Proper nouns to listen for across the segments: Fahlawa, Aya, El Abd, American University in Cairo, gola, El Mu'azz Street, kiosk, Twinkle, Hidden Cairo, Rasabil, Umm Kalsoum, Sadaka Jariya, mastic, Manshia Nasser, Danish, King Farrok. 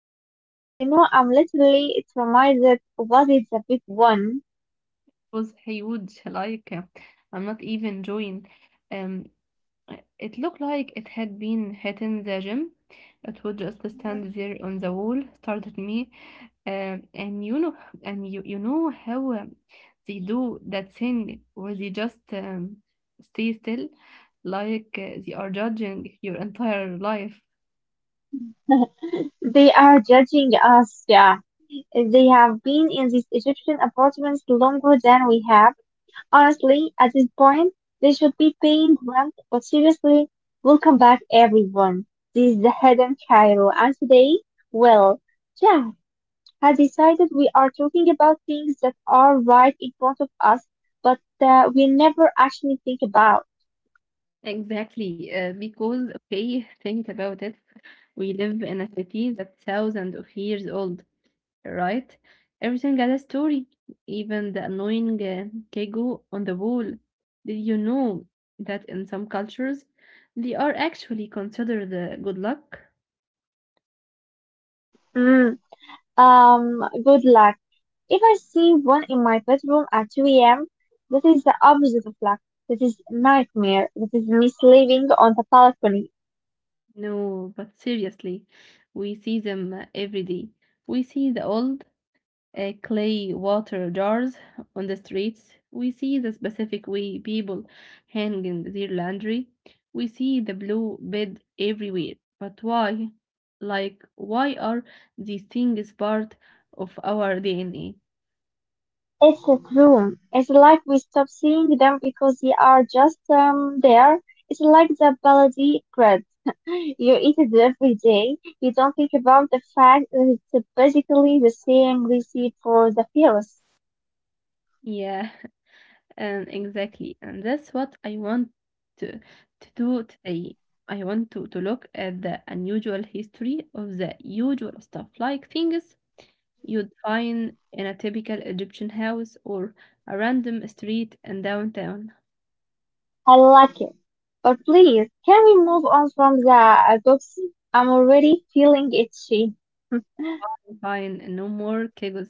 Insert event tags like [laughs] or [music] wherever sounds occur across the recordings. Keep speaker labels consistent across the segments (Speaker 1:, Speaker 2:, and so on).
Speaker 1: with that. You know, I'm literally traumatized. That What is the big one?
Speaker 2: was huge. Like, I'm not even joking. Um, it looked like it had been hitting the gym. It would just stand there on the wall, stared at me, and you know, and you know how they do that thing where they just stay still, like they are judging your entire life.
Speaker 1: They are judging us, yeah. They have been in these Egyptian apartments longer than we have. Honestly, at this point, they should be paying rent, but seriously, welcome back everyone. This is the Hidden Cairo, and today, well, yeah, has decided we are talking about things that are right in front of us, but we never actually think about.
Speaker 2: Exactly, because okay, think about it. We live in a city that's thousands of years old, right? Everything has a story, even the annoying kego on the wall. Did you know that in some cultures they are actually considered good luck?
Speaker 1: Mm, good luck. If I see one in my bedroom at 2 a.m., that is the opposite of luck. That is nightmare. That is me sleeping on the balcony.
Speaker 2: No, but seriously, we see them every day. We see the old, clay water jars on the streets. We see the specific way people hanging their laundry. We see the blue bed everywhere. But why? Like, why are these things part of our DNA?
Speaker 1: It's a room. It's like we stop seeing them because they are just there. It's like the baladi bread. [laughs] You eat it every day. You don't think about the fact that it's basically the same recipe for the virus.
Speaker 2: Yeah, [laughs] and exactly. And that's what I want to do today. I want to look at the unusual history of the usual stuff, like things you'd find in a typical Egyptian house or a random street in downtown.
Speaker 1: I like it. But please, can we move on from the books? I'm already feeling itchy.
Speaker 2: Fine, no more chaos.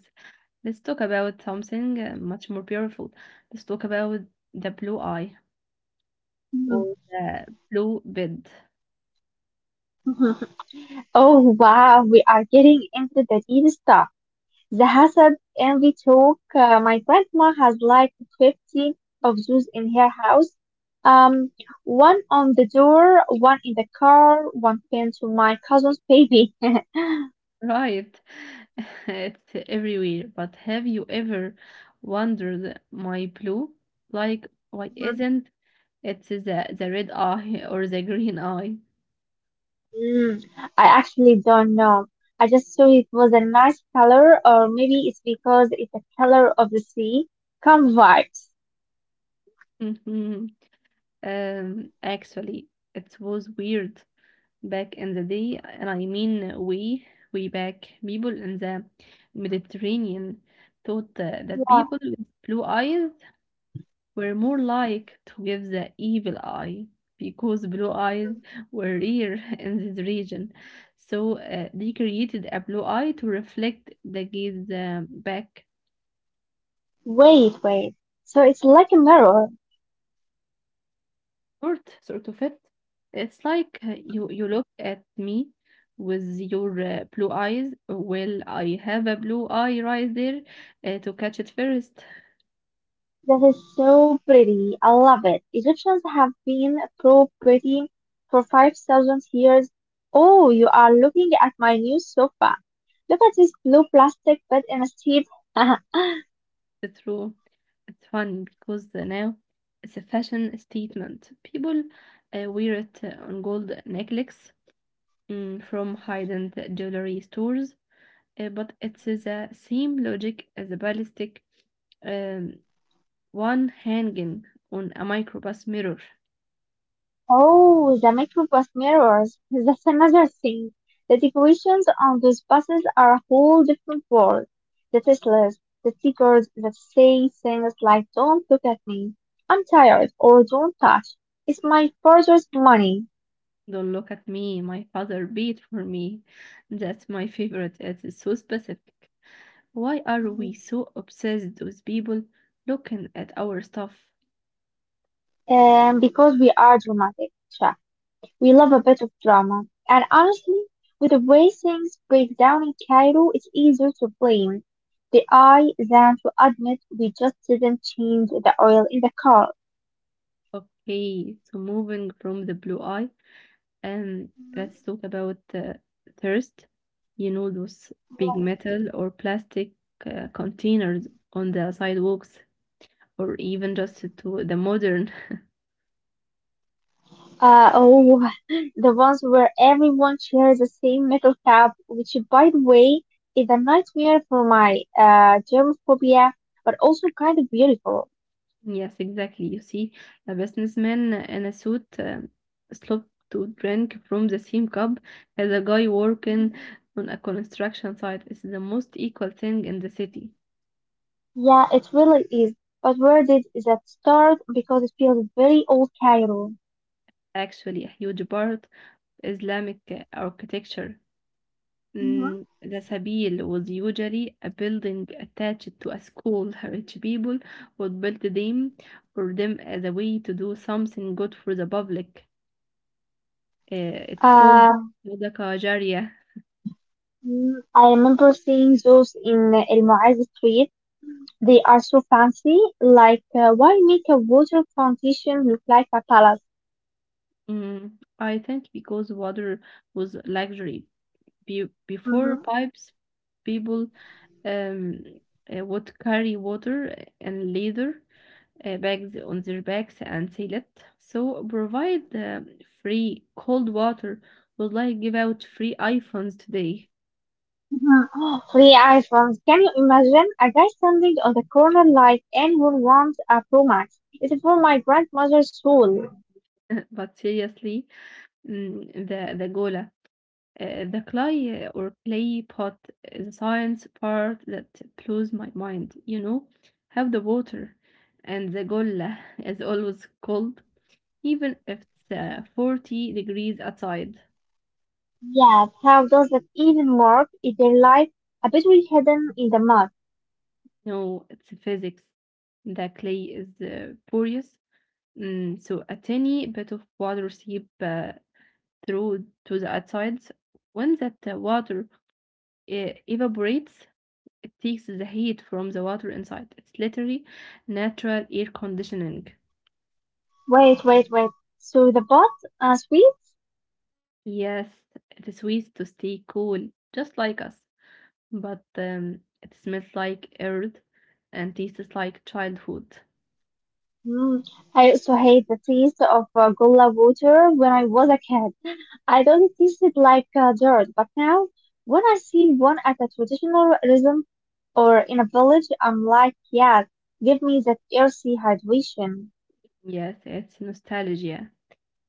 Speaker 2: Let's talk about something much more beautiful. Let's talk about the blue eye or the blue bed.
Speaker 1: [laughs] Oh wow, we are getting into the deep stuff. The and we talk. My grandma has like 15 of those in her house. Um, One on the door, one in the car, one pinned to my cousin's baby.
Speaker 2: Right, [laughs] it's everywhere. But have you ever wondered, my blue, like why
Speaker 1: Mhm.
Speaker 2: isn't it the red eye or the green eye?
Speaker 1: Mm, I actually don't know. I just thought it was a nice color, or maybe it's because it's the color of the sea. Come vibes.
Speaker 2: [laughs] Actually, it was weird back in the day, and I mean way, way back. People in the Mediterranean thought that
Speaker 1: Yeah.
Speaker 2: people with blue eyes were more like to give the evil eye because blue eyes were rare [laughs] in this region. So they created a blue eye to reflect the gaze back.
Speaker 1: Wait, wait. So it's like a mirror.
Speaker 2: Sort of it. It's like you look at me with your blue eyes. Well, I have a blue eye right there to catch it first.
Speaker 1: That is so pretty. I love it. Egyptians have been so pretty for 5,000 years. Oh, you are looking at my new sofa. Look at this blue plastic bed in a street. [laughs]
Speaker 2: It's true. It's fun because now it's a fashion statement. People wear it on gold necklaces, mm, from high-end jewelry stores, but it's the same logic as the ballistic um, one hanging on a microbus mirror.
Speaker 1: Oh, the microbus mirrors. [laughs] That's another thing. The decorations on those buses are a whole different world. The Teslas, the stickers that say things like don't look at me, I'm tired, or don't touch. It's my father's money.
Speaker 2: Don't look at me, my father beat for me. That's my favorite. It's so specific. Why are we so obsessed with people looking at our stuff?
Speaker 1: Because we are dramatic. Sure. We love a bit of drama. And honestly, with the way things break down in Cairo, it's easier to blame the eye than to admit we just didn't change the oil in the car.
Speaker 2: Okay, so moving from the blue eye, and let's talk about thirst. You know, those big metal or plastic containers on the sidewalks, or even just to the modern. [laughs]
Speaker 1: Oh, [laughs] the ones where everyone shares the same metal cap, which, by the way, is a nightmare for my germophobia, but also kind of beautiful.
Speaker 2: Yes, exactly. You see, a businessman in a suit slow to drink from the same cup as a guy working on a construction site. It's the most equal thing in the city.
Speaker 1: Yeah, it really is. But where did that start? Because it feels very old Cairo.
Speaker 2: Actually, a huge part of Islamic architecture.
Speaker 1: Mhm.
Speaker 2: Mm, Rasabil was usually a building attached to a school. [laughs] Rich people would build them for them as a way to do something good for the public. Uh, it called
Speaker 1: Um,
Speaker 2: Sadaka Jariya.
Speaker 1: I remember seeing those in El Mu'azz Street. They are so fancy. Like, why make a water fountain look like a palace?
Speaker 2: Mm, I think because water was luxury. Before
Speaker 1: Mhm.
Speaker 2: pipes, people, um, would carry water in leather bags on their backs and sell it. So provide free cold water would like give out free iPhones today.
Speaker 1: Mhm. Three iPhones. Can you imagine a guy standing on the corner like anyone wants a Pro Max? It's for my grandmother's soul.
Speaker 2: [laughs] But seriously, mm, the gola, the clay or clay pot, the science part that blows my mind. You know, have the water, and the gola is always cold, even if it's 40 degrees outside.
Speaker 1: Yes, how does that even work? Is there like a battery hidden in the mud?
Speaker 2: No, it's physics. The clay is porous. Mm, so a tiny bit of water seep through to the outsides. When that water evaporates, it takes the heat from the water inside. It's literally natural air conditioning.
Speaker 1: Wait, wait, wait. So the pot sweet?
Speaker 2: Yes, it is ways to stay cool, just like us. But it smells like earth and tastes like childhood.
Speaker 1: Mm. I used to hate the taste of Gula water when I was a kid. I don't taste it like dirt, but now when I see one at a traditional rhythm or in a village, I'm like, yeah, give me that earthy hydration.
Speaker 2: Yes, it's nostalgia.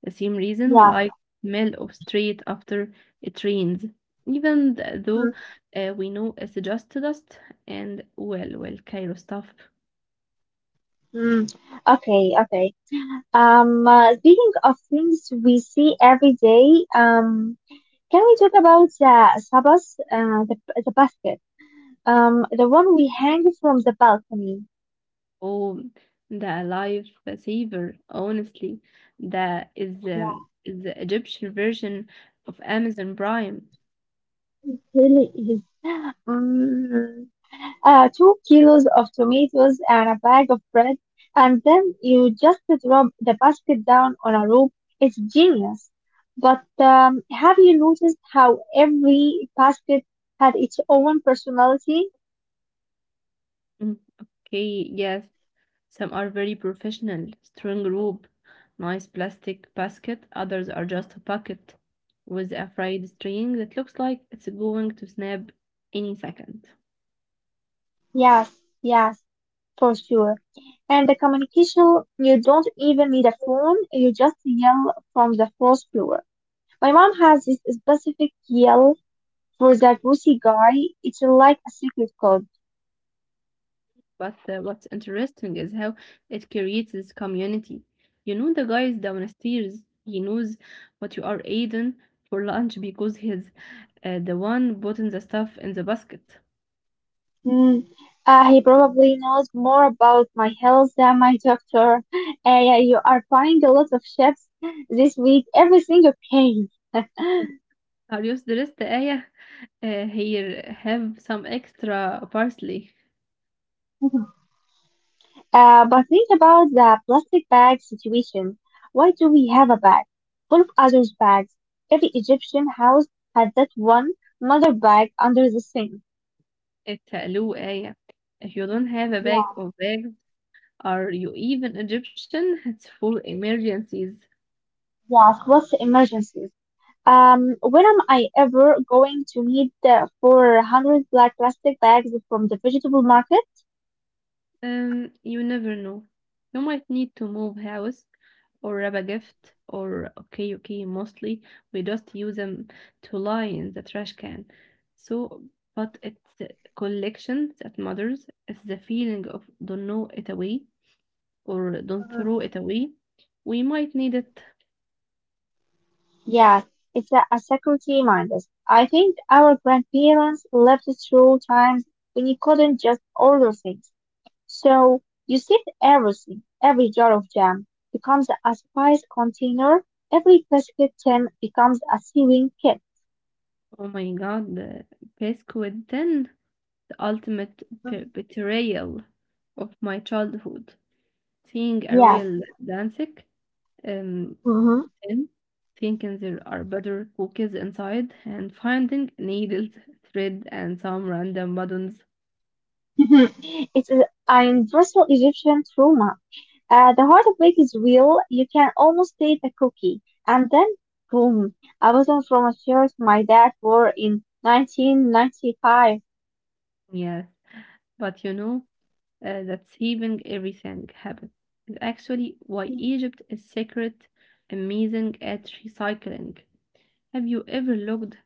Speaker 2: The same reason we
Speaker 1: Yeah.
Speaker 2: like smell of street after it rains, even though
Speaker 1: Mm,
Speaker 2: we know it's just dust and well, Cairo stuff.
Speaker 1: mm. Okay, okay. Speaking of things we see every day, can we talk about the sabas, the basket? The one we hang from the balcony.
Speaker 2: Oh, the life saver, honestly, that is
Speaker 1: Yeah,
Speaker 2: um, is the Egyptian version of Amazon Prime.
Speaker 1: really is. Mm, 2 kilos of tomatoes and a bag of bread, and then you just drop the basket down on a rope. It's genius. But have you noticed how every basket had its own personality?
Speaker 2: Mm, okay, yes, some are very professional, strong rope, nice plastic basket. Others are just a bucket with a fried string that looks like it's going to snap any second.
Speaker 1: Yes, yes, for sure. And the communication, you don't even need a phone, you just yell from the first floor. My mom has this specific yell for that bossy guy. It's like a secret code.
Speaker 2: But what's interesting is how it creates this community. You know the guys downstairs. He knows what you are eating for lunch because he's the one putting the stuff in the basket.
Speaker 1: Mm, he probably knows more about my health than my doctor. [laughs] Yeah, you are buying a lot of chips this week. Everything okay?
Speaker 2: Are you dressed, Aya? Here, have some extra parsley.
Speaker 1: [laughs] But think about the plastic bag situation. Why do we have a bag? Full of others' bags. Every Egyptian house had that one mother bag under the sink.
Speaker 2: Talu ayah. If you don't have a
Speaker 1: Yeah,
Speaker 2: bag of bags, are you even Egyptian? [laughs] It's for emergencies.
Speaker 1: yes, what's the emergency? When am I ever going to need the 400 black plastic bags from the vegetable market?
Speaker 2: You never know. You might need to move house or grab a gift or okay, okay, mostly we just use them to lie in the trash can. So, but it's the collection that matters. It's the feeling of don't know it away or don't
Speaker 1: Uh,
Speaker 2: throw it away. We might need it.
Speaker 1: Yes, it's a security mindset. I think our grandparents lived through times when you couldn't just order things. So you saved everything. Every jar of jam becomes a spice container. Every biscuit tin becomes a sewing kit.
Speaker 2: Oh my God, pesco with 10, the ultimate betrayal of my childhood. Seeing a
Speaker 1: Yes.
Speaker 2: royal Danzig um,
Speaker 1: Mm-hmm.
Speaker 2: tin, thinking there are better cookies inside, and finding needles, thread, and some random buttons.
Speaker 1: [laughs] It's an universal Egyptian trauma. The heartbreak is real. You can almost taste the cookie. And then, boom, I wasn't from a church my dad wore in 1995.
Speaker 2: Yes, but you know, that saving everything habit is actually why Egypt is secret amazing at recycling. Have you ever looked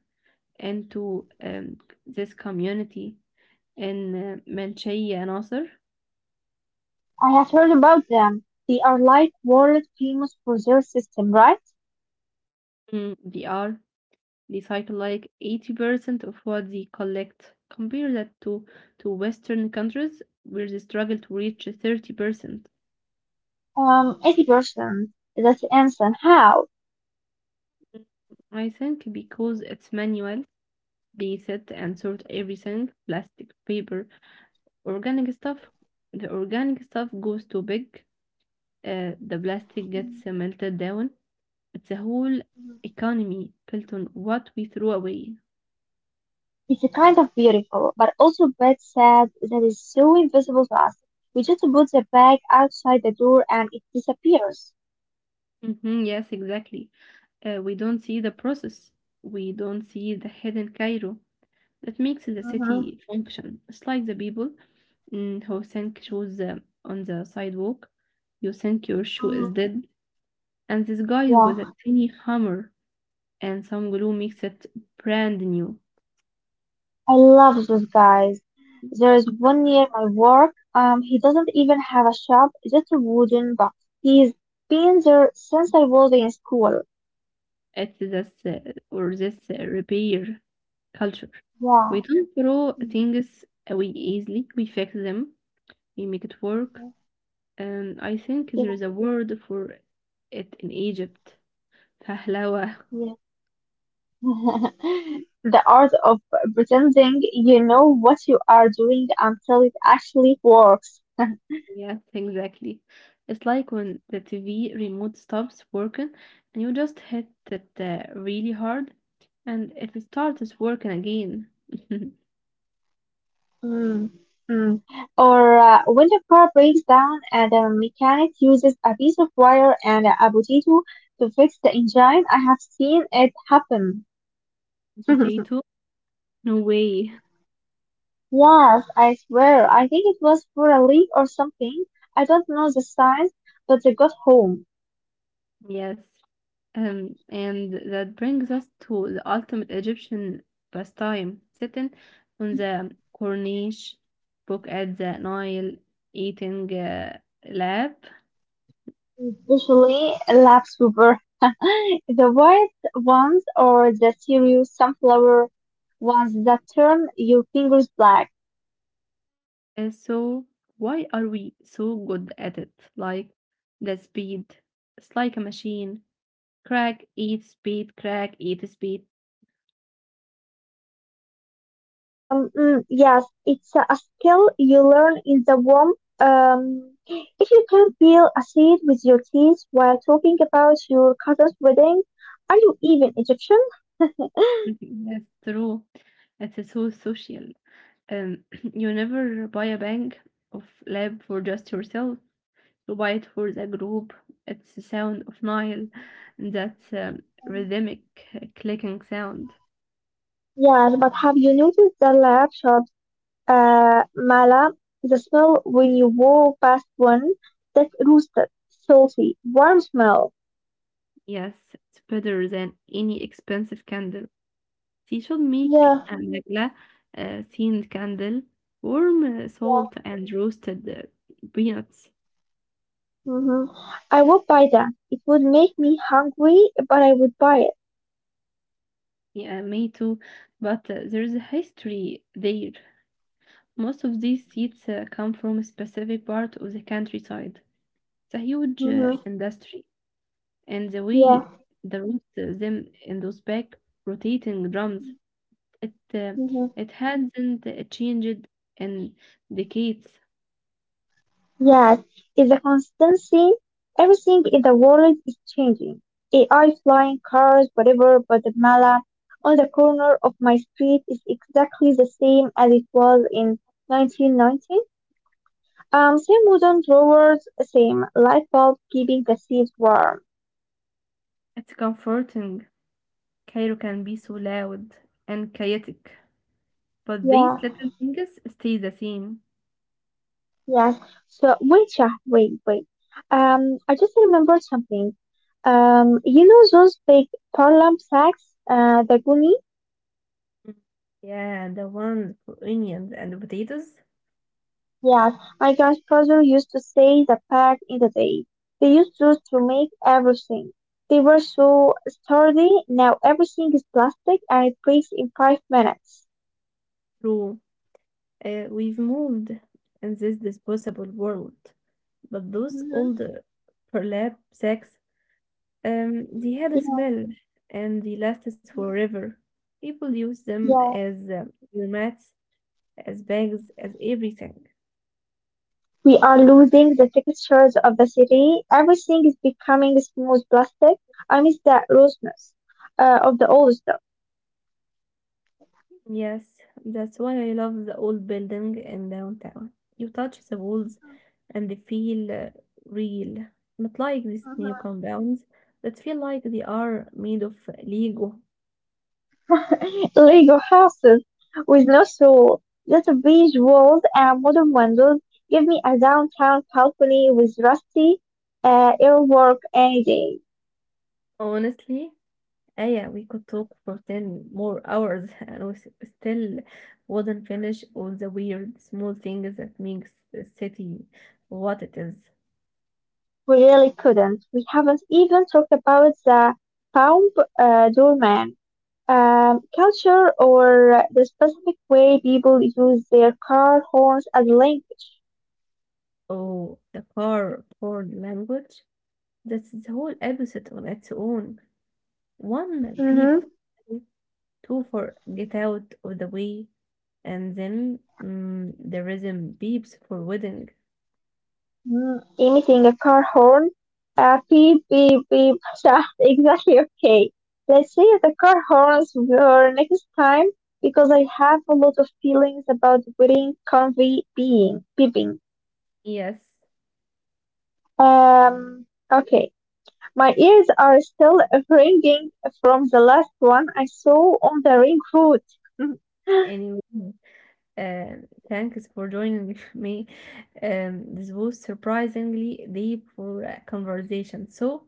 Speaker 2: into this community in Manshia Nasser?
Speaker 1: I have heard about them. They are like world famous for their system, right?
Speaker 2: Mm, they are recycle like 80% of what they collect. Compare that to Western countries where they struggle to reach 30%.
Speaker 1: 80%. That's insane. How?
Speaker 2: Mm, I think because it's manual, they set and sort everything plastic, paper, organic stuff. The organic stuff goes too big, the plastic gets melted down. It's a whole economy built on what we throw away.
Speaker 1: It's a kind of beautiful, but also bad sad that is so invisible to us. We just put the bag outside the door and it disappears.
Speaker 2: Hmm, yes, exactly. We don't see the process. We don't see the hidden Cairo that makes the
Speaker 1: Mm-hmm.
Speaker 2: city function. It's like the people, mm, who think shoes on the sidewalk. You think your shoe is dead, and this guy with
Speaker 1: Yeah.
Speaker 2: a tiny hammer and some glue makes it brand new.
Speaker 1: I love those guys. There is one near my work. He doesn't even have a shop, just a wooden box. He's been there since I was in school.
Speaker 2: It's this repair culture.
Speaker 1: Yeah,
Speaker 2: We don't throw
Speaker 1: Mhm.
Speaker 2: things away easily. We fix them. We make it work. I think there
Speaker 1: yeah,
Speaker 2: is a word for it in Egypt. Fahlawa,
Speaker 1: yeah. [laughs] The art of pretending you know what you are doing until it actually works.
Speaker 2: [laughs] yes, exactly. It's like when the TV remote stops working and you just hit it really hard and it starts working again. [laughs]
Speaker 1: Mm, mm. Or when the car breaks down and the mechanic uses a piece of wire and a potato to fix the engine, I have seen it happen. [laughs]
Speaker 2: Potato? No way.
Speaker 1: Yes, I swear, I think it was for a leak or something. I don't know the science, but they got home,
Speaker 2: Yes, and that brings us to the ultimate Egyptian pastime, sitting on the corniche, book at the Nile, eating lab.
Speaker 1: especially lab super. [laughs] The white ones or the serious sunflower ones that turn your fingers black.
Speaker 2: And so, why are we so good at it? Like the speed, it's like a machine. Crack, eat, speed, crack, eat, speed.
Speaker 1: Yes, it's a skill you learn in the womb. If you can peel a seed with your teeth while talking about your cousin's wedding, are you even Egyptian? [laughs]
Speaker 2: [laughs] That's true. It is so social. Um, [clears throat] you never buy a bag of lab for just yourself. You buy it for the group. It's the sound of Nile, that rhythmic clicking sound.
Speaker 1: Yes, but have you noticed the lab shops, Mala, the smell when you walk past one that roasted, salty, warm smell?
Speaker 2: Yes, it's better than any expensive candle. She should make
Speaker 1: Yeah,
Speaker 2: a Nagla uh, themed candle, warm
Speaker 1: yeah.
Speaker 2: salt and roasted peanuts.
Speaker 1: Hmm. I would buy that. It would make me hungry, but I would buy it.
Speaker 2: Yeah, me too. But there's a history there. Most of these seeds come from a specific part of the countryside. It's a huge
Speaker 1: Hmm.
Speaker 2: industry, and the
Speaker 1: Yeah.
Speaker 2: way the roots them in those back rotating drums, it uh,
Speaker 1: Hmm.
Speaker 2: it hasn't changed in decades.
Speaker 1: Yes. It's a constancy. Everything in the world is changing. AI, flying cars, whatever, but the mala on the corner of my street is exactly the same as it was in 1990. Same wooden drawers, same light bulb keeping the seats warm.
Speaker 2: It's comforting. Cairo can be so loud and chaotic, but
Speaker 1: Yeah.
Speaker 2: these little things stay the same.
Speaker 1: Yes. So wait, yeah, wait, wait. I just remembered something. You know those big parlam sacks, the guni?
Speaker 2: Mm, yeah, the ones for onions and potatoes.
Speaker 1: Yes. My grandfather used to say that back in the day, they used those to make everything. They were so sturdy. Now everything is plastic and it breaks in 5 minutes.
Speaker 2: True. We've moved in this disposable world, but those old
Speaker 1: Hmm.
Speaker 2: burlap sacks, they had a smell and they lasted forever. People use them
Speaker 1: Yeah.
Speaker 2: as your mats, as bags, as everything.
Speaker 1: We are losing the textures of the city. Everything is becoming smooth plastic. I miss that roughness of the old stuff.
Speaker 2: Yes, that's why I love the old building in downtown. You touch the walls and they feel real, not like these new compounds that feel like they are made of Lego.
Speaker 1: [laughs] Lego houses with no soul. Just a beige walls and modern windows. Give me a downtown balcony with rusty airwork any day.
Speaker 2: Honestly, ah, yeah, we could talk for 10 more hours [laughs] and we still wouldn't finish all the weird small things that makes the city what it is.
Speaker 1: We really couldn't. We haven't even talked about the bomb doorman. Culture or the specific way people use their car horns as a language.
Speaker 2: Oh, the car for language. That's the whole episode on its own. One peep,
Speaker 1: Mm-hmm.
Speaker 2: two for get out of the way, and then mm, the rhythm beeps for wedding.
Speaker 1: Mm, emitting a car horn, beep, beep, beep [laughs] sound exactly okay. Let's say the car horns were next time because I have a lot of feelings about wearing convey being, beeping.
Speaker 2: Yes,
Speaker 1: Um, okay. My ears are still ringing from the last one I saw on the ring road. [laughs]
Speaker 2: anyway. Uh, thanks for joining [laughs] me. This was surprisingly deep for a conversation. So,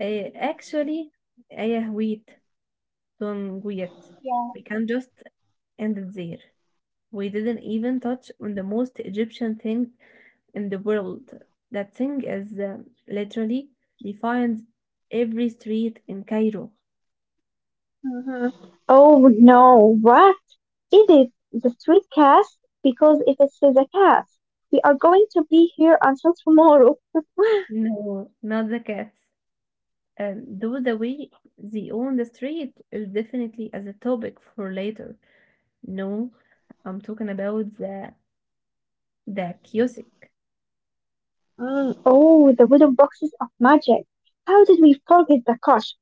Speaker 2: actually, yeah, wait, don't wait.
Speaker 1: Yeah.
Speaker 2: We can just end it there. We didn't even touch on the most Egyptian thing in the world. That thing is literally defines every street in Cairo.
Speaker 1: Hmm. Oh no, what is it? The street cast? Because if it's the cast, we are going to be here until tomorrow.
Speaker 2: No, not the cats. And though the way they own the street is definitely as a topic for later. No, I'm talking about the music,
Speaker 1: Mm. Oh, the wooden boxes of magic. How did we forget the cash?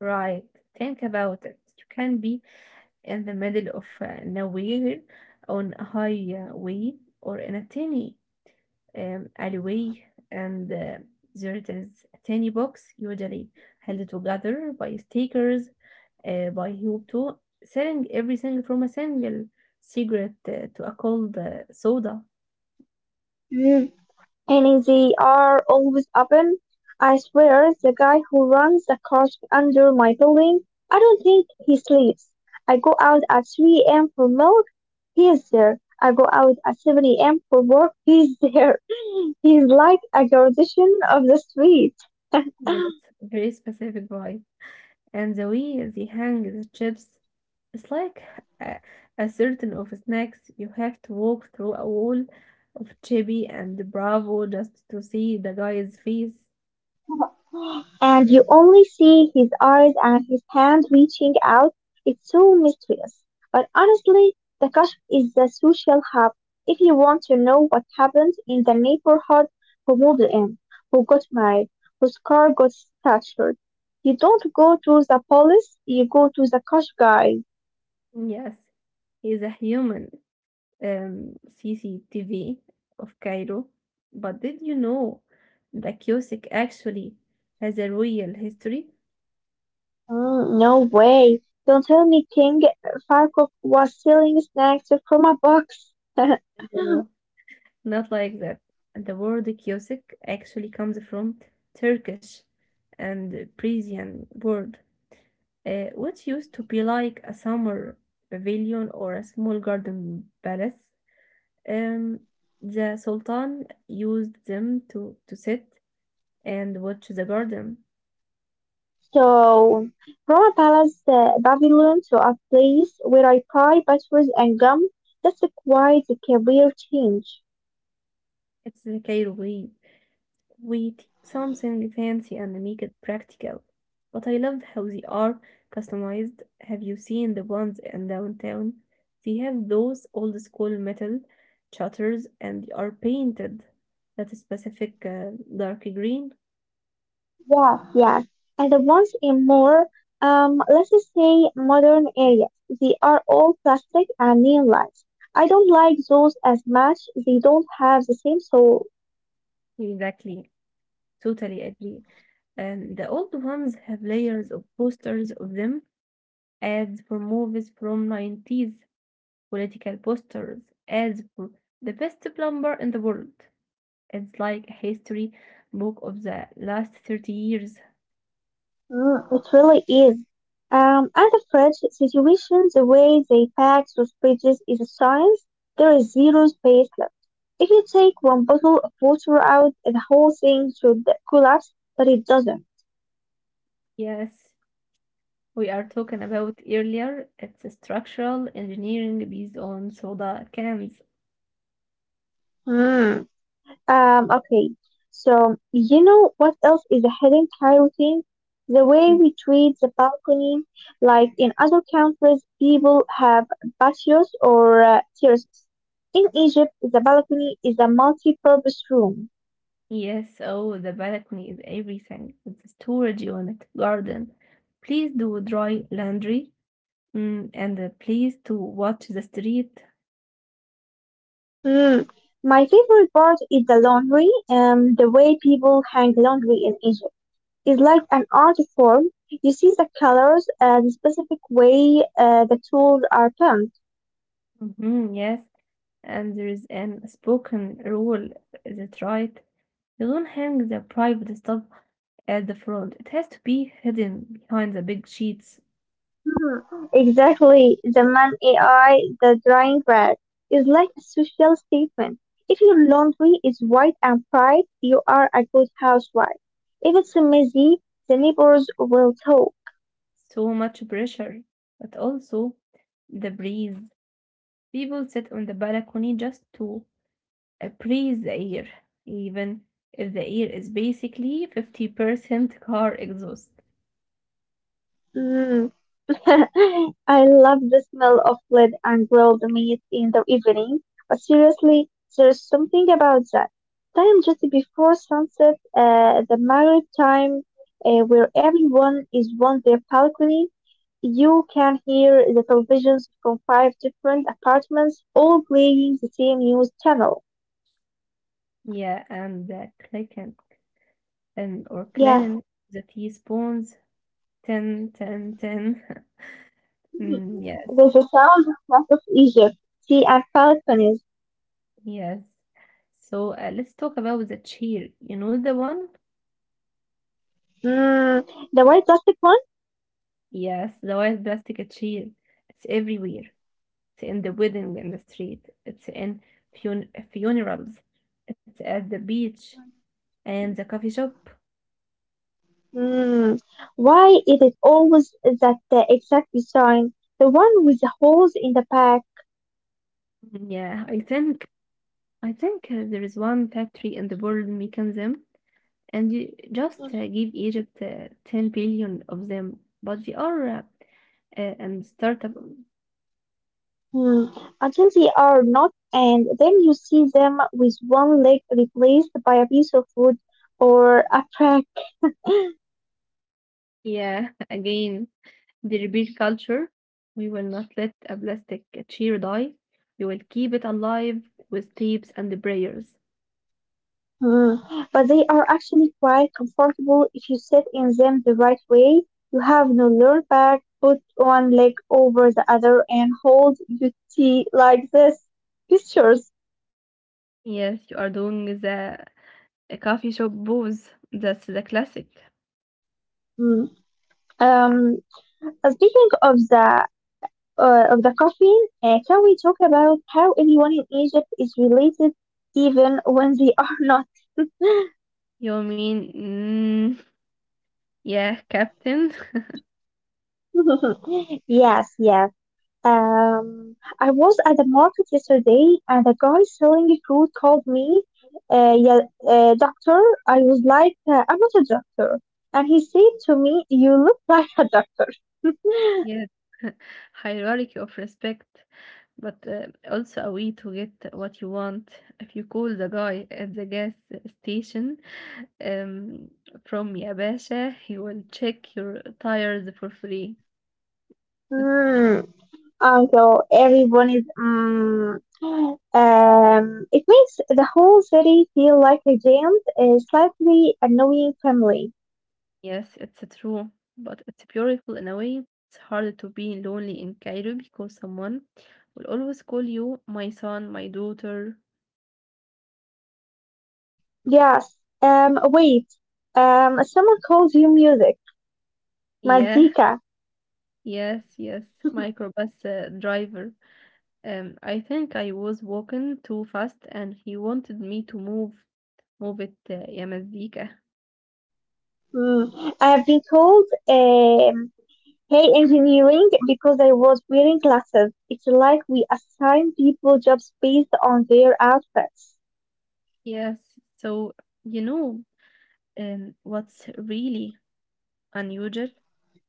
Speaker 2: right? Think about it. You can be in the middle of nowhere, on a highway, or in a tiny آمم alleyway, and there is a tiny box, usually held together by stickers, by Hubto, selling everything from a single cigarette to a cold soda.
Speaker 1: And they are always open. I swear, the guy who runs the kiosk under my building, I don't think he sleeps. I go out at 3 a.m. for milk, he is there. I go out at 7 a.m. for work, he's there. [laughs] He's like a guardian of the street. [laughs]
Speaker 2: Yes, very specific vibe. And the way they hang the chips, it's like a, a certain of snacks. You have to walk through a wall of chibi and Bravo just to see the guy's face.
Speaker 1: And you only see his eyes and his hand reaching out. It's so mysterious. But honestly, the Kashf is the social hub. If you want to know what happens in the neighborhood, who moved in, who got married, whose car got stuttered, you don't go to the police, you go to the Kashf guy.
Speaker 2: Yes, he's a human CCTV of Cairo. But did you know the Kyosik actually has a real history?
Speaker 1: Mm, no way. Don't tell me King Farkok was selling snacks from a box. [laughs]
Speaker 2: Not like that. The word kiosk actually comes from Turkish and Persian word, which used to be like a summer pavilion or a small garden palace. Um, the Sultan used them to sit and watch the garden.
Speaker 1: So from a Palace Pavilion to a place where I buy batteries and gum. That's quite a career change.
Speaker 2: It's the Cairo way. We take something fancy and make it practical. But I love how they are customized. Have you seen the ones in downtown? They have those old school metal shutters, and they are painted that specific dark green.
Speaker 1: Wow. Yes, and the ones in more, let's just say modern areas, they are all plastic and neon lights. I don't like those as much. They don't have the same soul.
Speaker 2: Exactly. Totally agree. And the old ones have layers of posters of them, ads for movies from 90's, political posters, ads for the best plumber in the world. It's like a history book of the last 30 years.
Speaker 1: Mm, it really is. And the French situation, the way they pack those pages is a science. There is zero space left. If you take one bottle of water out, the whole thing should collapse, but it doesn't.
Speaker 2: Yes, we are talking about earlier. It's a structural engineering based on soda cans.
Speaker 1: Okay. So, you know what else is a hidden Thai routine? The way
Speaker 2: Mm.
Speaker 1: we treat the balcony. Like in other countries, people have patios or terraces. In Egypt, the balcony is a multi-purpose room.
Speaker 2: Yes, oh, the balcony is everything. It's a storage unit, garden. Please do dry laundry. Mm, and please to watch the street.
Speaker 1: Mm. My favorite part is the laundry. The way people hang laundry in Egypt is like an art form. You see the colors, the specific way the tools are turned.
Speaker 2: Mhm, yes, and there is an spoken rule. Is it right? You don't hang the private stuff at the front. It has to be hidden behind the big sheets.
Speaker 1: Mhm, exactly. The man AI, the drying rack, is like a social statement. If your laundry is white and bright, you are a good housewife. If it's messy, the neighbors will talk.
Speaker 2: So much pressure. But also the breeze. People sit on the balcony just to breathe the air, even if the air is basically 50% car exhaust.
Speaker 1: [laughs] I love the smell of bread and grilled meat in the evening, but seriously, there's something about that time just before sunset, the married time where everyone is on their balcony. You can hear the televisions from five different apartments all playing the same news channel.
Speaker 2: Yeah, and the clicking and or
Speaker 1: Yeah,
Speaker 2: cleaning the teaspoons. Ten, 10, 10. [laughs] Mm, yes.
Speaker 1: there's a sound of map of Egypt, sea and balconies.
Speaker 2: Yes. So let's talk about the chair. You know the one?
Speaker 1: Mm, the white plastic one?
Speaker 2: Yes, the white plastic chair. It's everywhere. It's in the wedding in the street. It's in funerals. It's at the beach and the coffee shop.
Speaker 1: Hmm, why is it always that the exact design, the one with the holes in the back?
Speaker 2: Mm, yeah, I think there is one factory in the world making them, and you just give Egypt 10 billion of them. But we are and startup.
Speaker 1: Hmm, until they are not, and then you see them with one leg replaced by a piece of wood or a plank.
Speaker 2: Yeah, [laughs] again, the repeat culture. We will not let a plastic chair die. We will keep it alive with tapes and prayers.
Speaker 1: Hmm, but they are actually quite comfortable if you sit in them the right way. You have no lower back, put one leg over the other, and hold your tea like this. Pictures.
Speaker 2: Yes, you are doing the a coffee shop booze. That's the classic.
Speaker 1: Hmm, Um, Speaking of the caffeine, can we talk about how everyone in Egypt is related, even when they are [laughs] not?
Speaker 2: You mean, mm, yeah, Captain. [laughs]
Speaker 1: Yes, yes. I was at the market yesterday, and a guy selling fruit called me, uh, yeah, doctor. I was like, I'm not a doctor, and he said to me, "You look like a doctor."
Speaker 2: Yes, [laughs] hierarchy of respect, but also a way to get what you want. If you call the guy at the gas station um, from Yabasha, he will check your tires for free.
Speaker 1: Hmm. So everyone is, it makes the whole city feel like a jammed, slightly annoying family.
Speaker 2: Yes, it's true, but it's beautiful in a way. It's hard to be lonely in Cairo because someone will always call you my son, my daughter.
Speaker 1: Yes. Wait. Someone calls you music.
Speaker 2: Yeah,
Speaker 1: Mazika.
Speaker 2: yes, yes, microbus driver. I think I was walking too fast and he wanted me to move. Move it, يا مزيكا.
Speaker 1: Mm. I have been called, hey engineering because I was wearing glasses. It's like we assign people jobs based on their outfits.
Speaker 2: Yes, so you know what's really unusual?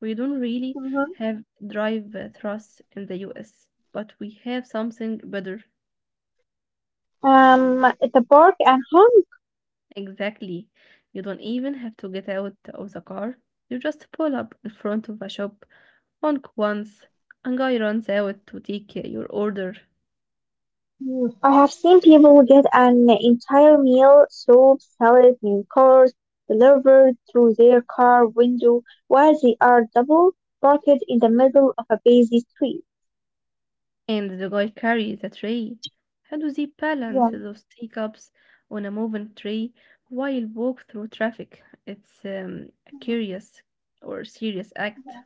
Speaker 2: We don't really
Speaker 1: Hmm.
Speaker 2: have drive thrust in the US, but we have something better.
Speaker 1: At the park and home.
Speaker 2: Exactly. You don't even have to get out of the car. You just pull up in front of a shop, honk once, and guy runs out to take your order.
Speaker 1: Hmm, I have seen people get an entire meal, soup, salad, and course delivered through their car window while they are double parked in the middle of a busy street.
Speaker 2: And the guy carries a tray. How do they
Speaker 1: Yeah,
Speaker 2: balance those teacups on a moving tray while walk through traffic? It's a curious or serious act.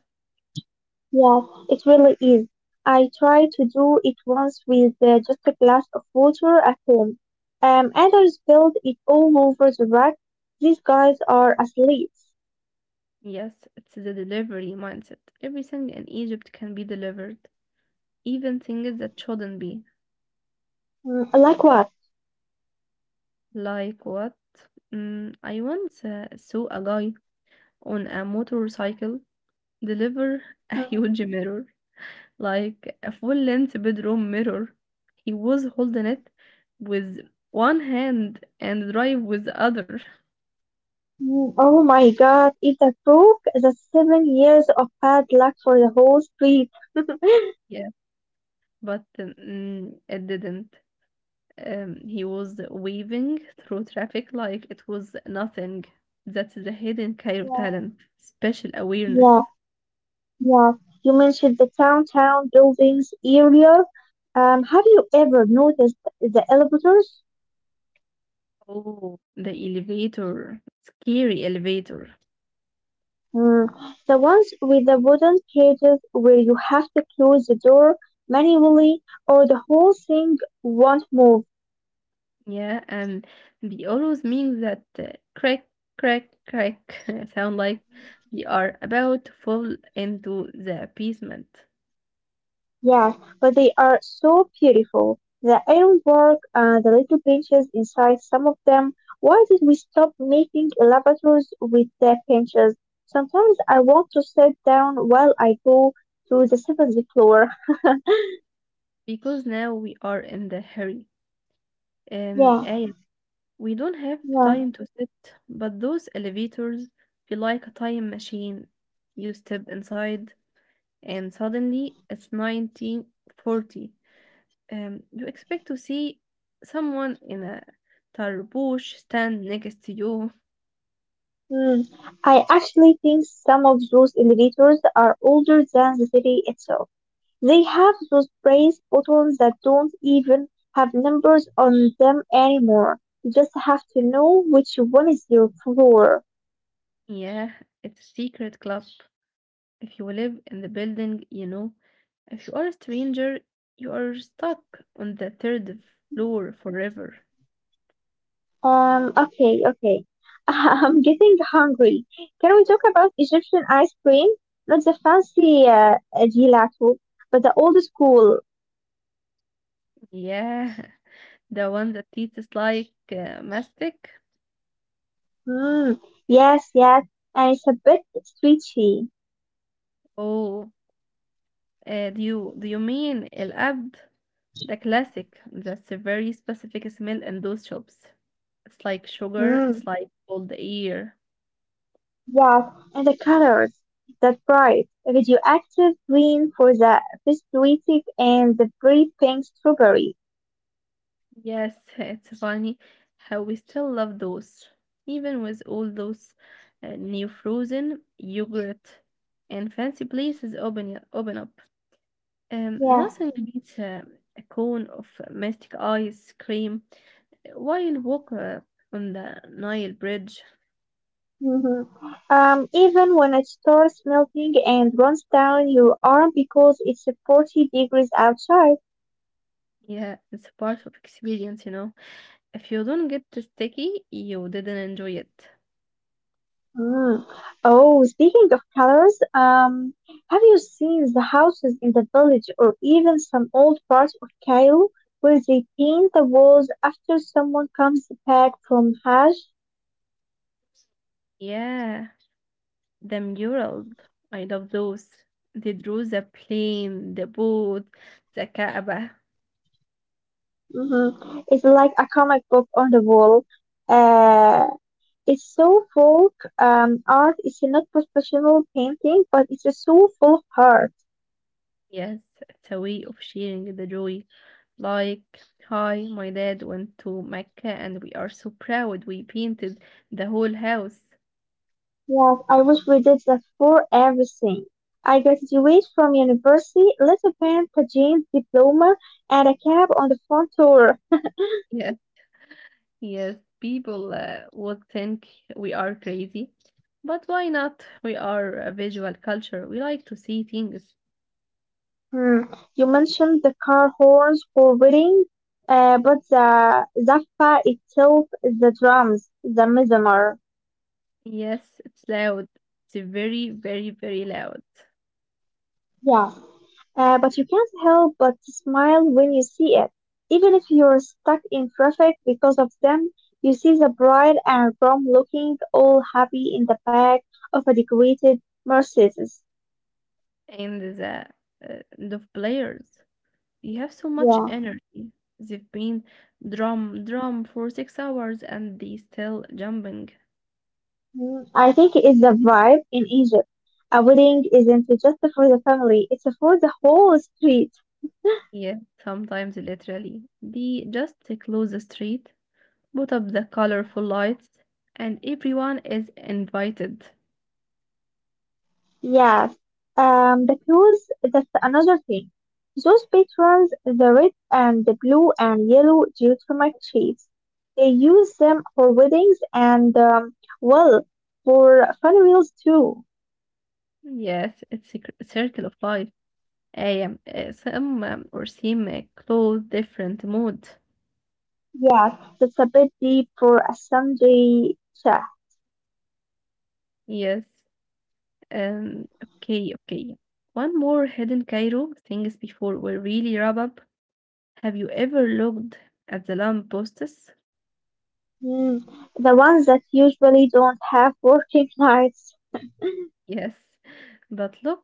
Speaker 1: yeah, it really is. I tried to do it once with just a glass of water at home, and I spilled it all over the rack. These guys are athletes.
Speaker 2: Yes, it's the delivery mindset. Everything in Egypt can be delivered, even things that shouldn't be.
Speaker 1: Mm, like what?
Speaker 2: Like what? Mm, I once saw a guy on a motorcycle deliver [laughs] a huge mirror, like a full length bedroom mirror. He was holding it with one hand and drive with the other.
Speaker 1: Mm, oh my God, if that broke, that's 7 years of bad luck for the whole street.
Speaker 2: Yeah, but mm, it didn't. He was waving through traffic like it was nothing. That's the hidden Cairo
Speaker 1: Yeah,
Speaker 2: talent, special
Speaker 1: yeah,
Speaker 2: awareness.
Speaker 1: yeah. You mentioned the downtown buildings earlier. Have you ever noticed the elevators?
Speaker 2: Oh, the elevator, scary elevator.
Speaker 1: Mm, the ones with the wooden cages where you have to close the door manually or the whole thing won't move.
Speaker 2: Yeah, and they always make that crack, crack, crack [laughs] sound like they are about to fall into the basement.
Speaker 1: Yes, but they are so beautiful. The ironwork, the little benches inside some of them. Why did we stop making elevators with the benches? Sometimes I want to sit down while I go to the seventh floor.
Speaker 2: Because now we are in the hurry. Um,
Speaker 1: Yeah,
Speaker 2: I we don't have
Speaker 1: yeah.
Speaker 2: time to sit, but those elevators feel like a time machine. You step inside, and suddenly it's 1940. You expect to see someone in a tarbush stand next to you.
Speaker 1: Hmm. I actually think some of those elevators are older than the city itself. They have those brass buttons that don't even have numbers on them anymore. You just have to know which one is your floor.
Speaker 2: Yeah, it's a secret club. If you live in the building, you know. If you are a stranger, you are stuck on the third floor forever.
Speaker 1: Okay, okay. [laughs] I'm getting hungry. Can we talk about Egyptian ice cream? Not the fancy gelato, but the old school.
Speaker 2: Yeah, [laughs] the one that eats like mastic.
Speaker 1: Mm, yes, yes. And it's a bit stretchy.
Speaker 2: Oh, do you mean El Abd? The classic. That's a very specific smell in those shops. It's like sugar. It's
Speaker 1: Mm.
Speaker 2: like old air.
Speaker 1: Yes, and the colors, that bright radioactive green for the pituitary and the bright pink strawberry.
Speaker 2: Yes, [laughs] it's funny how we still love those, even with all those new frozen yogurt and fancy places open up.
Speaker 1: Yeah.
Speaker 2: Nothing beats a cone of mystic ice cream while walk on the Nile Bridge.
Speaker 1: Hmm. Even when it starts melting and runs down your arm because it's 40 degrees outside.
Speaker 2: Yeah, it's a part of experience, you know. If you don't get the sticky, you didn't enjoy it.
Speaker 1: Mm. Oh, speaking of colors, have you seen the houses in the village or even some old parts of Cairo where they paint the walls after someone comes back from Hajj?
Speaker 2: Yeah, the mural. I love those. They drew the plane, the boat, the Kaaba.
Speaker 1: Hmm, it's like a comic book on the wall. Uh, it's so folk art. It's not professional painting, but it's so full of heart.
Speaker 2: Yes, it's a way of sharing the joy. Like, hi, my dad went to Mecca, and we are so proud we painted the whole house.
Speaker 1: Yes, I wish we did that for everything. I graduate from university, little paint, a jeans diploma, and a cab on the front door.
Speaker 2: Yeah. Yes, people would think we are crazy, but why not? We are a visual culture. We like to see things.
Speaker 1: Hmm. You mentioned the car horns for weddings, but the zappa itself, the drums, the mizmar.
Speaker 2: Yes, it's loud. It's very, very, very loud.
Speaker 1: Yeah. But you can't help but smile when you see it. Even if you're stuck in traffic because of them, you see the bride and groom looking all happy in the back of a decorated Mercedes.
Speaker 2: And the players, they have so much
Speaker 1: Yeah.
Speaker 2: energy. They've been drum for 6 hours and they still jumping.
Speaker 1: Mm, I think it's the vibe in Egypt. A wedding isn't just for the family, it's for the whole street.
Speaker 2: Yes, sometimes literally. They just close the street, put up the colorful lights, and everyone is invited.
Speaker 1: Yes, the clothes, that's another thing. Those patrons, the red and the blue and yellow geotermal shades, they use them for weddings and, well, for funerals too.
Speaker 2: Yes, it's a circle of life. I am some or seem clothes different mood.
Speaker 1: Yes, that's a bit deep for a Sunday chat.
Speaker 2: Yes. Okay. Okay. One more hidden Cairo things before we really wrap up. Have you ever looked at the lamp posts?
Speaker 1: Mm, the ones that usually don't have working [laughs] nights.
Speaker 2: Yes, [laughs] but look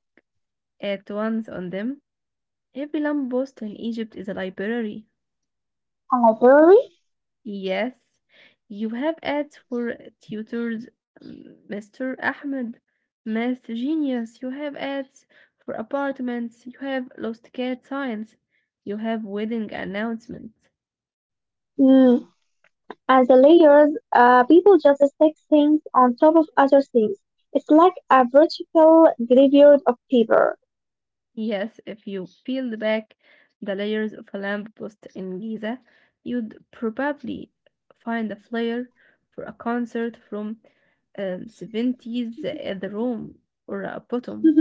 Speaker 2: at ones on them. Every lamp post in Egypt is a library.
Speaker 1: A library?
Speaker 2: Yes, you have ads for tutors, mm, Mr. Ahmed, math genius. You have ads for apartments. You have lost cat signs. You have wedding announcements.
Speaker 1: As the layers, people just stick things on top of other things. It's like a vertical graveyard of paper. [laughs]
Speaker 2: Yes, if you peeled back the layers of a lamppost in Giza, you'd probably find a flyer for a concert from 70's at the Rome or a bottom.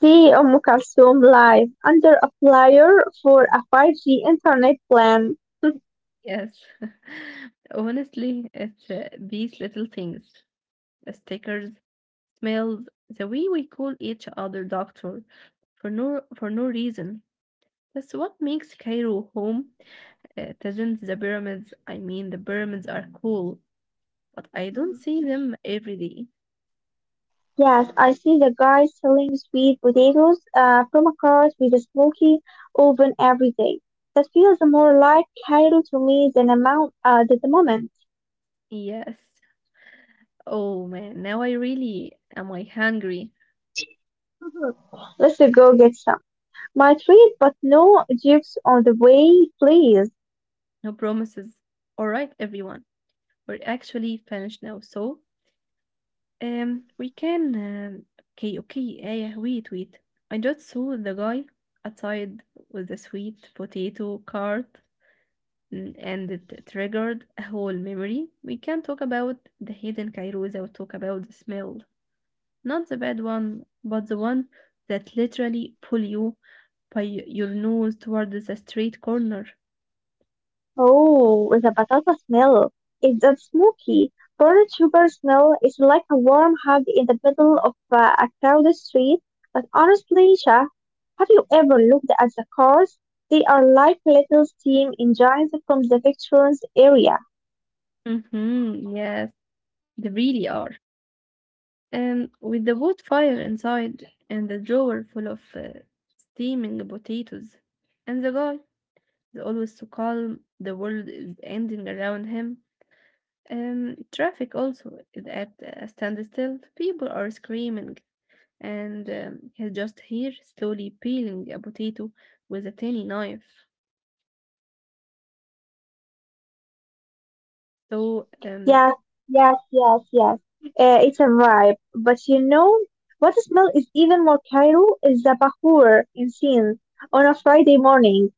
Speaker 1: See Kalsoum live under a flyer for a 5G internet plan.
Speaker 2: Yes. [laughs] Honestly, it's these little things, the stickers, smells, the way we call each other doctor for no reason. That's what makes Cairo home. It isn't the pyramids. I mean, the pyramids are cool, but I don't
Speaker 1: Mhm.
Speaker 2: see them every day.
Speaker 1: Yes, I see the guy selling sweet potatoes from a cart with a smoky oven every day. That feels more like Cairo to me than amount than the moment.
Speaker 2: Yes. Oh man, now I really am I hungry.
Speaker 1: Mhm. Let's go get some. My treat, but no jibs on the way, please.
Speaker 2: No promises. All right, everyone. We're actually finished now, so we can. Okay, okay. Yeah, wait. I just saw the guy outside with the sweet potato cart, mm, and it triggered a whole memory. We can talk about the hidden Kairosa. We talk about the smell, not the bad one, but the one that literally pull you by your nose towards the street corner.
Speaker 1: Oh, with a batata smell. It's a smoky, burnt sugar smell. It's like a warm hug in the middle of a crowded street. But honestly, Shah, have you ever looked at the cars? They are like little steam engines from the veterans area.
Speaker 2: Mm-hmm, yes, they really are. With the wood fire inside and the drawer full of steaming potatoes. And the guy is always so calm, the world is ending around him. Traffic also is at a standstill, people are screaming, and he's just here slowly peeling a potato with a tiny knife.
Speaker 1: Mm,
Speaker 2: So
Speaker 1: yes, yes, yes, yes. It's a vibe. But you know what smell is even more Cairo is the bahur incense on a Friday morning.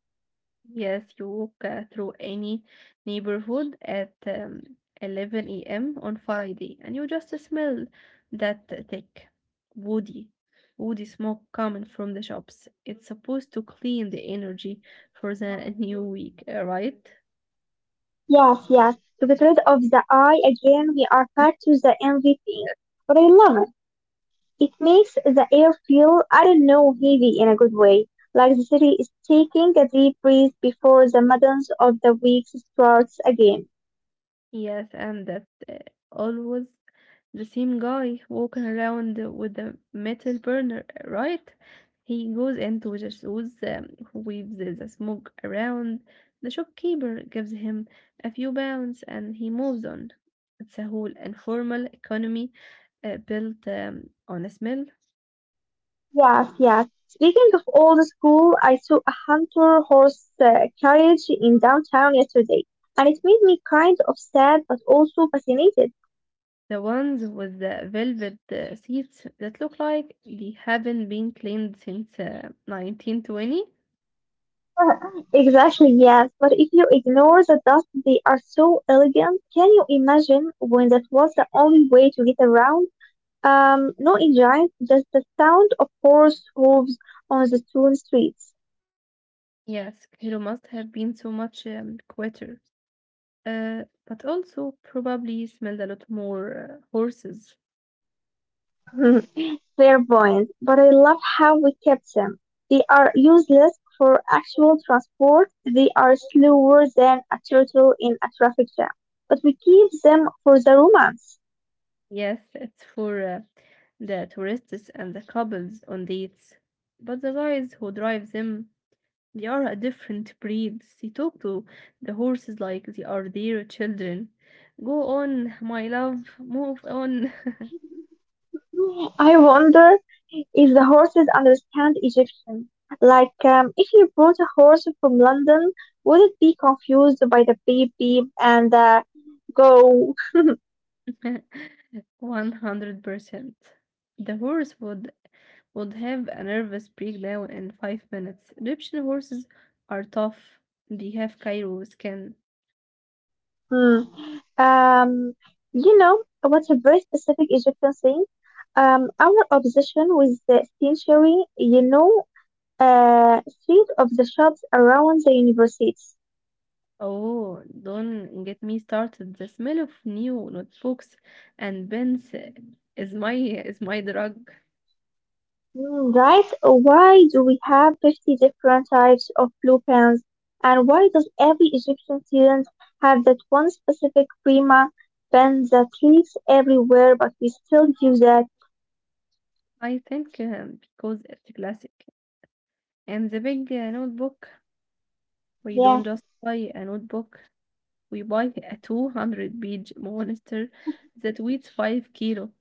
Speaker 2: yes, you walk through any neighborhood at 11 a.m. on Friday, and you just smell that thick, woody, woody smoke coming from the shops. It's supposed to clean the energy for the new week, right?
Speaker 1: Yes, yes. To get rid of the eye again, we are back to the MVP. But I love it. It makes the air feel, I don't know, heavy in a good way. Like the city is taking a deep breath before the madness of the week starts again.
Speaker 2: Yes, and that always the same guy walking around with the metal burner, right? He goes into the shoes, who weaves the smoke around. The shopkeeper gives him a few pounds and he moves on. It's a whole informal economy built on a smell.
Speaker 1: Yes, yes. Speaking of old school, I saw a hunter horse carriage in downtown yesterday, and it made me kind of sad but also fascinated.
Speaker 2: The ones with the velvet seats that look like they haven't been cleaned since 1920.
Speaker 1: [laughs] Exactly, yes. But if you ignore the dust, they are so elegant. Can you imagine when that was the only way to get around? No engine, just the sound of horse hooves on the stone streets.
Speaker 2: Yes, Kilo must have been so much quieter, but also probably smelled a lot more horses.
Speaker 1: [laughs] Clairvoyant, but I love how we kept them. They are useless for actual transport. They are slower than a turtle in a traffic jam, but we keep them for the romance.
Speaker 2: Yes, it's for the tourists and the couples on dates. But the guys who drive them, they are a different breed. They talk to the horses like they are their children. Go on, my love, move on.
Speaker 1: I wonder if the horses understand Egyptian. Like, if you brought a horse from London, would it be confused by the beep beep and the go.
Speaker 2: [laughs] 100%. The horse would have a nervous breakdown in 5 minutes. Egyptian horses are tough. They have Cairo skin.
Speaker 1: Hmm. Um, you know, what's a very specific Egyptian thing? Our obsession with the century, you know, street of the shops around the universities.
Speaker 2: Oh, don't get me started. The smell of new notebooks and pens is my drug.
Speaker 1: Hmm, right? Why do we have 50 different types of blue pens? And why does every Egyptian student have that one specific prima pen that leaks everywhere, but we still use that?
Speaker 2: I think because it's classic. And the big notebook, we don't
Speaker 1: Yeah.
Speaker 2: just buy a notebook. We buy a 200-page monster that weighs 5 kilo.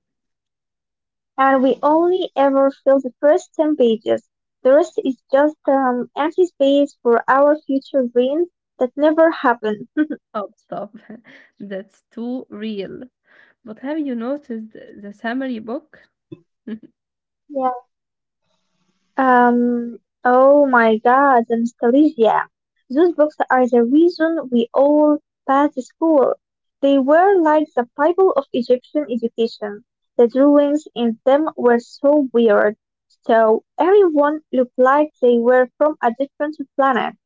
Speaker 1: And we only ever fill the first 10 pages. The rest is just empty space for our future dreams that never happen.
Speaker 2: Stop, stop. [laughs] That's too real. But have you noticed the summary book? [laughs]
Speaker 1: Yeah. Um, oh my god, the nostalgia. Those books are the reason we all passed the school. They were like the Bible of Egyptian education. The drawings in them were so weird. So everyone looked like they were from a different planet.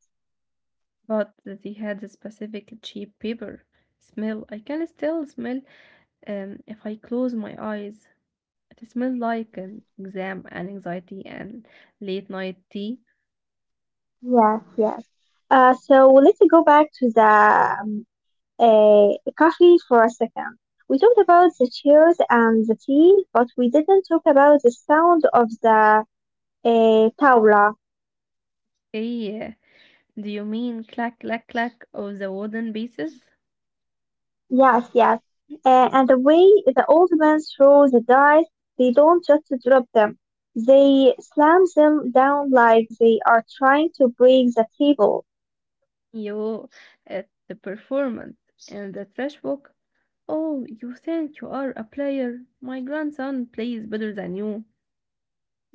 Speaker 2: But they had a specific cheap paper smell. I can still smell if I close my eyes. It smells like an exam and anxiety and late night tea.
Speaker 1: Yes, yes. So let's go back to the uh, coffee for a second. We talked about the chairs and the tea, but we didn't talk about the sound of the tawla.
Speaker 2: Hey, do you mean clack clack clack of the wooden pieces?
Speaker 1: Yes, yes. And the way the old man throws the dice, they don't just drop them. They slam them down like they are trying to break the table.
Speaker 2: You at the performance and the trash book? Oh, you think you are a player? My grandson plays better than you.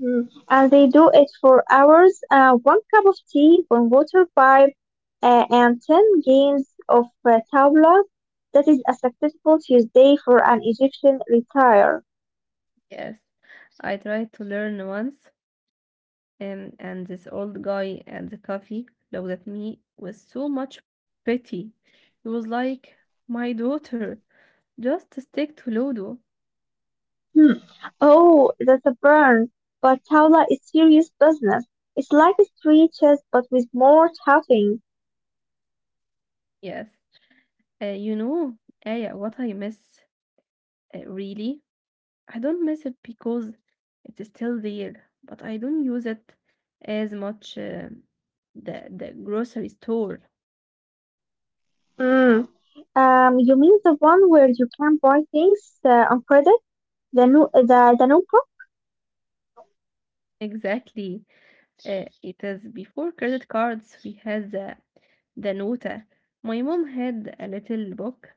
Speaker 1: Mm. And they do it for hours. One cup of tea, one water pipe, and 10 games of tabla. That is a successful Tuesday for an Egyptian retire.
Speaker 2: Yes, I tried to learn once. And this old guy at the cafe looked at me with so much pity. He was like, my daughter, just stick to Ludo.
Speaker 1: Hmm. Oh, that's a burn. But tabla is serious business. It's like a street chess, but with more tapping.
Speaker 2: Yes. Uh, you know, Aya, what I miss, really? I don't miss it because it's still there, but I don't use it as much, the grocery store.
Speaker 1: Mm. You mean the one where you can buy things on credit? The new.
Speaker 2: Exactly. It is before credit cards, we had the nota. My mom had a little book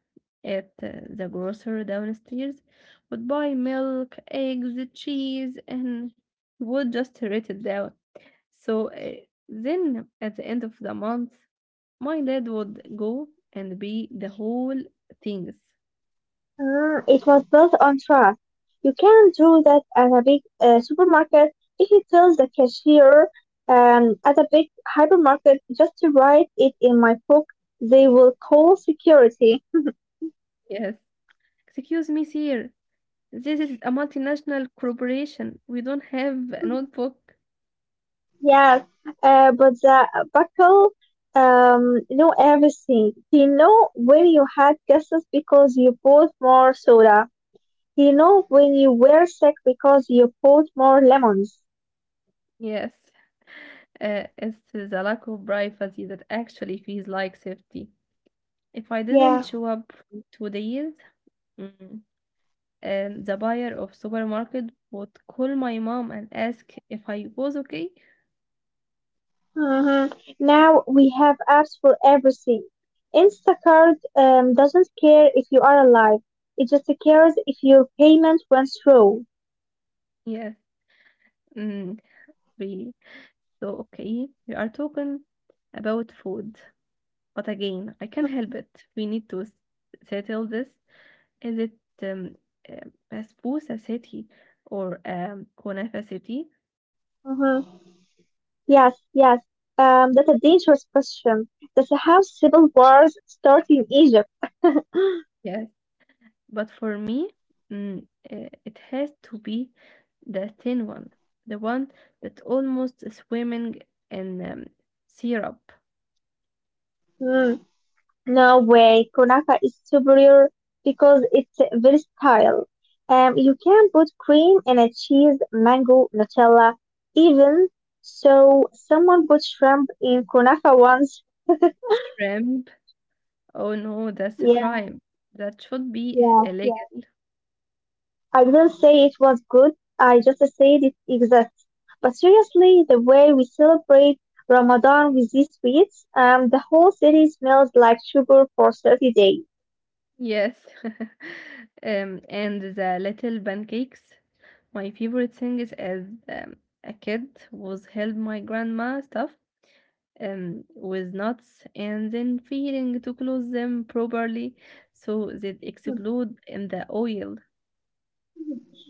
Speaker 2: at the grocer downstairs, would buy milk, eggs, cheese, and would just write it down. So then at the end of the month, my dad would go and be the whole things.
Speaker 1: Mm, it was built on trust. You can not do that at a big supermarket if you tell the cashier at a big hypermarket just to write it in my book. They will call security.
Speaker 2: Yes. Excuse me, sir. This is a multinational corporation. We don't have a notebook.
Speaker 1: Yes, but the buckle know everything. He know when you had guesses because you bought more soda. He know when you were sick because you bought more lemons.
Speaker 2: Yes. It's the lack of privacy that actually feels like safety. If I didn't
Speaker 1: Yeah.
Speaker 2: show up for 2 days, mm, and the buyer of supermarket would call my mom and ask if I was okay.
Speaker 1: Uh-huh. Now we have apps for everything. Instacart doesn't care if you are alive. It just cares if your payment went through.
Speaker 2: Yes, mm, really. So okay, we are talking about food, but again, I can't help it. We need to settle this. Is it uh, Basbousa city or
Speaker 1: Uh-huh.
Speaker 2: Kunafa city?
Speaker 1: Yes, yes. That's a dangerous question. That's how civil wars start in Egypt.
Speaker 2: Yes. But for me, it has to be the thin one, the one that almost is swimming in syrup,
Speaker 1: Hmm. No way, Konaka is superior because it's versatile. You can put cream in a cheese, mango, Nutella, even so. Someone put shrimp in Konaka once.
Speaker 2: shrimp. Oh no, that's a
Speaker 1: Yeah,
Speaker 2: crime. That should be [laughs]
Speaker 1: yeah, yeah.
Speaker 2: illegal.
Speaker 1: I didn't say it was good. I just said it exists. But seriously, the way we celebrate Ramadan with these sweets, the whole city smells like sugar for 30 days.
Speaker 2: Yes. [laughs] And the little pancakes. My favorite thing is as a kid was help my grandma stuff with nuts and then failing to close them properly so they explode in the oil.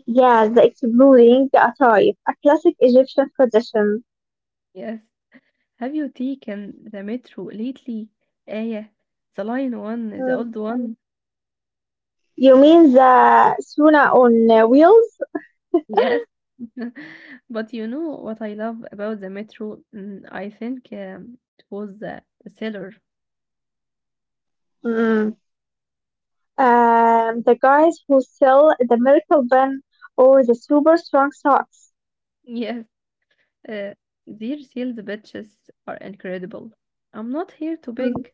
Speaker 1: Yeah, the exploding atayef, a classic Egyptian tradition.
Speaker 2: Yes. Have you taken the metro lately? Yeah, the line one, the old
Speaker 1: Mm.
Speaker 2: One.
Speaker 1: You mean the Suna on wheels?
Speaker 2: Yes. [laughs] But you know what I love about the metro? Mm, I think it was the seller.
Speaker 1: Mm. The guys who sell the miracle pen or the super strong socks.
Speaker 2: Yes. Uh, their sales pitches are incredible. I'm not here to
Speaker 1: Mm.
Speaker 2: beg.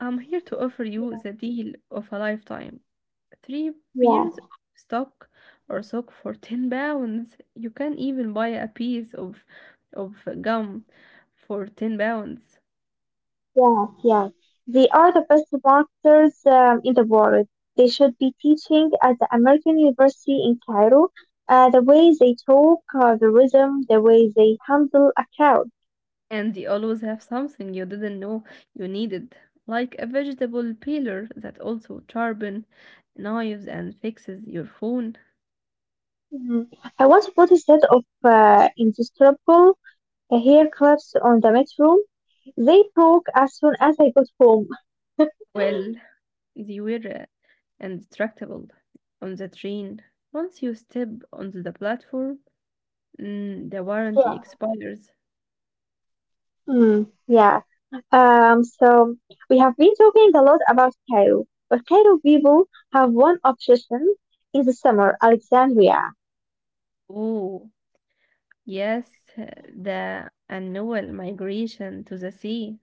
Speaker 2: I'm here to offer you the deal of a lifetime. 3
Speaker 1: Yeah,
Speaker 2: pairs of stock or sock for [laughs] 10 pounds. You can even buy a piece of gum for 10 pounds.
Speaker 1: yeah, yeah. They are the best marketers in the world. They should be teaching at the American University in Cairo, the way they talk, the rhythm, the way they handle a crowd.
Speaker 2: And you always have something you didn't know you needed, like a vegetable peeler that also sharpen knives and fixes your phone.
Speaker 1: Mm. I once bought a set of indestructible hair clips on the metro. They broke as soon as I got home. [laughs]
Speaker 2: Well, they were indestructible on the train. Once you step onto the platform, mm, the
Speaker 1: Yeah.
Speaker 2: warranty expires.
Speaker 1: Mm, yeah. So we have been talking a lot about Cairo, but Cairo people have one obsession in the summer, Alexandria.
Speaker 2: Oh, yes, the annual migration to the sea.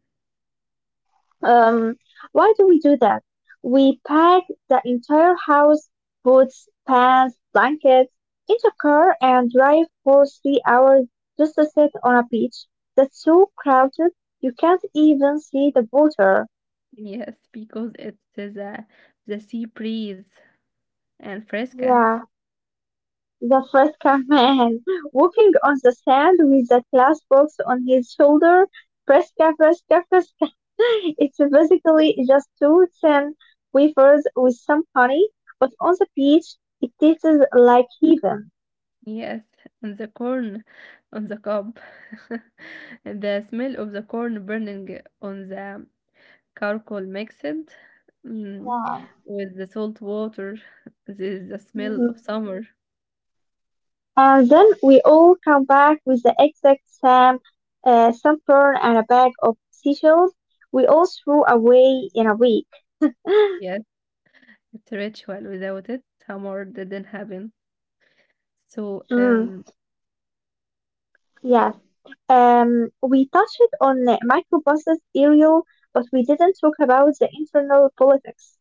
Speaker 1: Um, why do we do that? We pack the entire house, boots, pants, blankets, into a car and drive for 3 hours just to sit on a beach that's so crowded you can't even see the water.
Speaker 2: Yes, because it's the sea breeze and fresca.
Speaker 1: Yeah. The Fresca man, [laughs] walking on the sand with a glass box on his shoulder. Fresca, Fresca, Fresca. [laughs] It's basically just two thin wafers with some honey, but on the beach it tastes like heaven.
Speaker 2: Yes, and the corn on the cob. [laughs] The smell of the corn burning on the charcoal mixed, mm,
Speaker 1: Yeah.
Speaker 2: with the salt water. This is the smell of
Speaker 1: Mhm.
Speaker 2: summer.
Speaker 1: And then we all come back with the exact same sunburn and a bag of seashells we all threw away in a week.
Speaker 2: Yes, it's a ritual. Without it, summer didn't happen. So,
Speaker 1: Mm, yes. We touched on microbuses, aerial, but we didn't talk about the internal politics.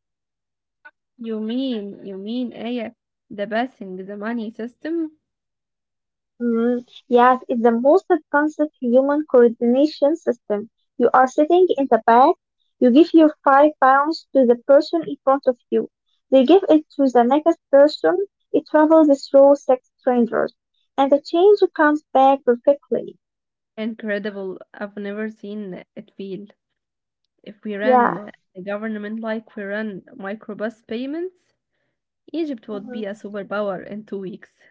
Speaker 2: you mean Aya, the passing the money system?
Speaker 1: Mm, yes, it's the most advanced human coordination system. You are sitting in the back, you give your 5 pounds to the person in front of you. They give it to the next person. It travels through 6 strangers, and the change comes back perfectly.
Speaker 2: Incredible. I've never seen it feel. If we ran
Speaker 1: Yeah.
Speaker 2: the government like we run microbus payments, Egypt would
Speaker 1: Mm-hmm.
Speaker 2: be a superpower in 2 weeks.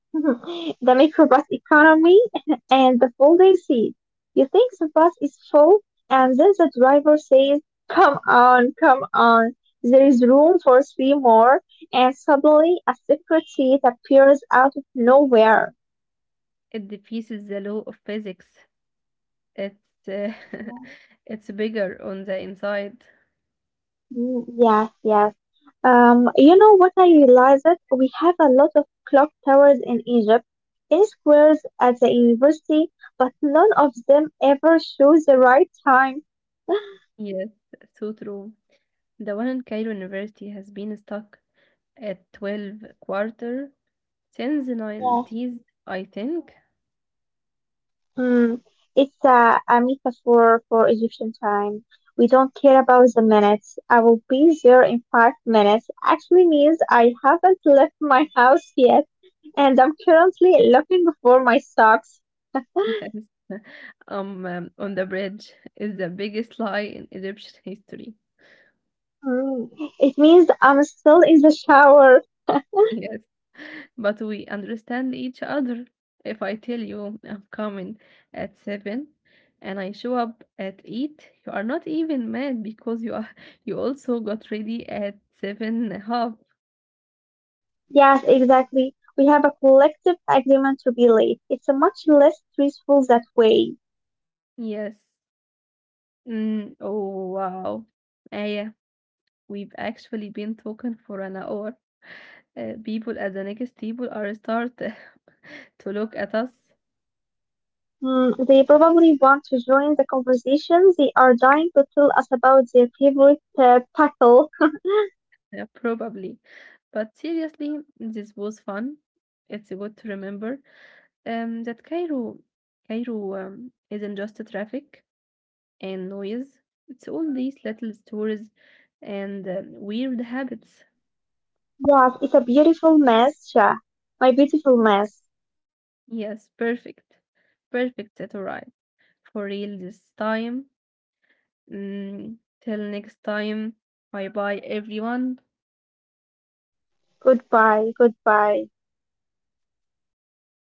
Speaker 1: [laughs] The microbus economy [laughs] and the folding seat. You think the bus is full, and then the driver says, "Come on, come on, there is room for three more," and suddenly a secret seat appears out of nowhere.
Speaker 2: It defeats the law of physics. It's uh, [laughs] it's bigger on the inside.
Speaker 1: Mm, yes, yes. You know what I realized? We have a lot of clock towers in Egypt, in squares at the university, but none of them ever shows the right time.
Speaker 2: Yes, so true. The one in Cairo University has been stuck at 12 quarter since the
Speaker 1: [laughs]
Speaker 2: 90s, I think.
Speaker 1: Mm, it's a metaphor for Egyptian time. We don't care about the minutes. I will be there in 5 minutes. Actually means I haven't left my house yet, and I'm currently looking for my socks.
Speaker 2: Yes. [laughs] On the bridge is the biggest lie in Egyptian history.
Speaker 1: Mm, it means I'm still in the shower.
Speaker 2: Yes. [laughs] But we understand each other. If I tell you I'm coming at 7 and I show up at 8, you are not even mad because you are [laughs] you also got ready at seven and a half.
Speaker 1: Yes, exactly. We have a collective agreement to be late. It's a much less stressful that way.
Speaker 2: Yes. Mm, oh wow. Aya, we've actually been talking for an hour. People at the next table are start [laughs] to look at us.
Speaker 1: Mm, they probably want to join the conversation. They are dying to tell us about their favorite pickle.
Speaker 2: Yeah, probably. But seriously, this was fun. It's good to remember that Cairo isn't just a traffic and noise. It's all these little stories and weird habits.
Speaker 1: Yes, it's a beautiful mess, Shah. My beautiful mess.
Speaker 2: Yes, perfect. Perfect, that's all right. For real this time. Mm, till next time. Bye bye, everyone.
Speaker 1: Goodbye, goodbye.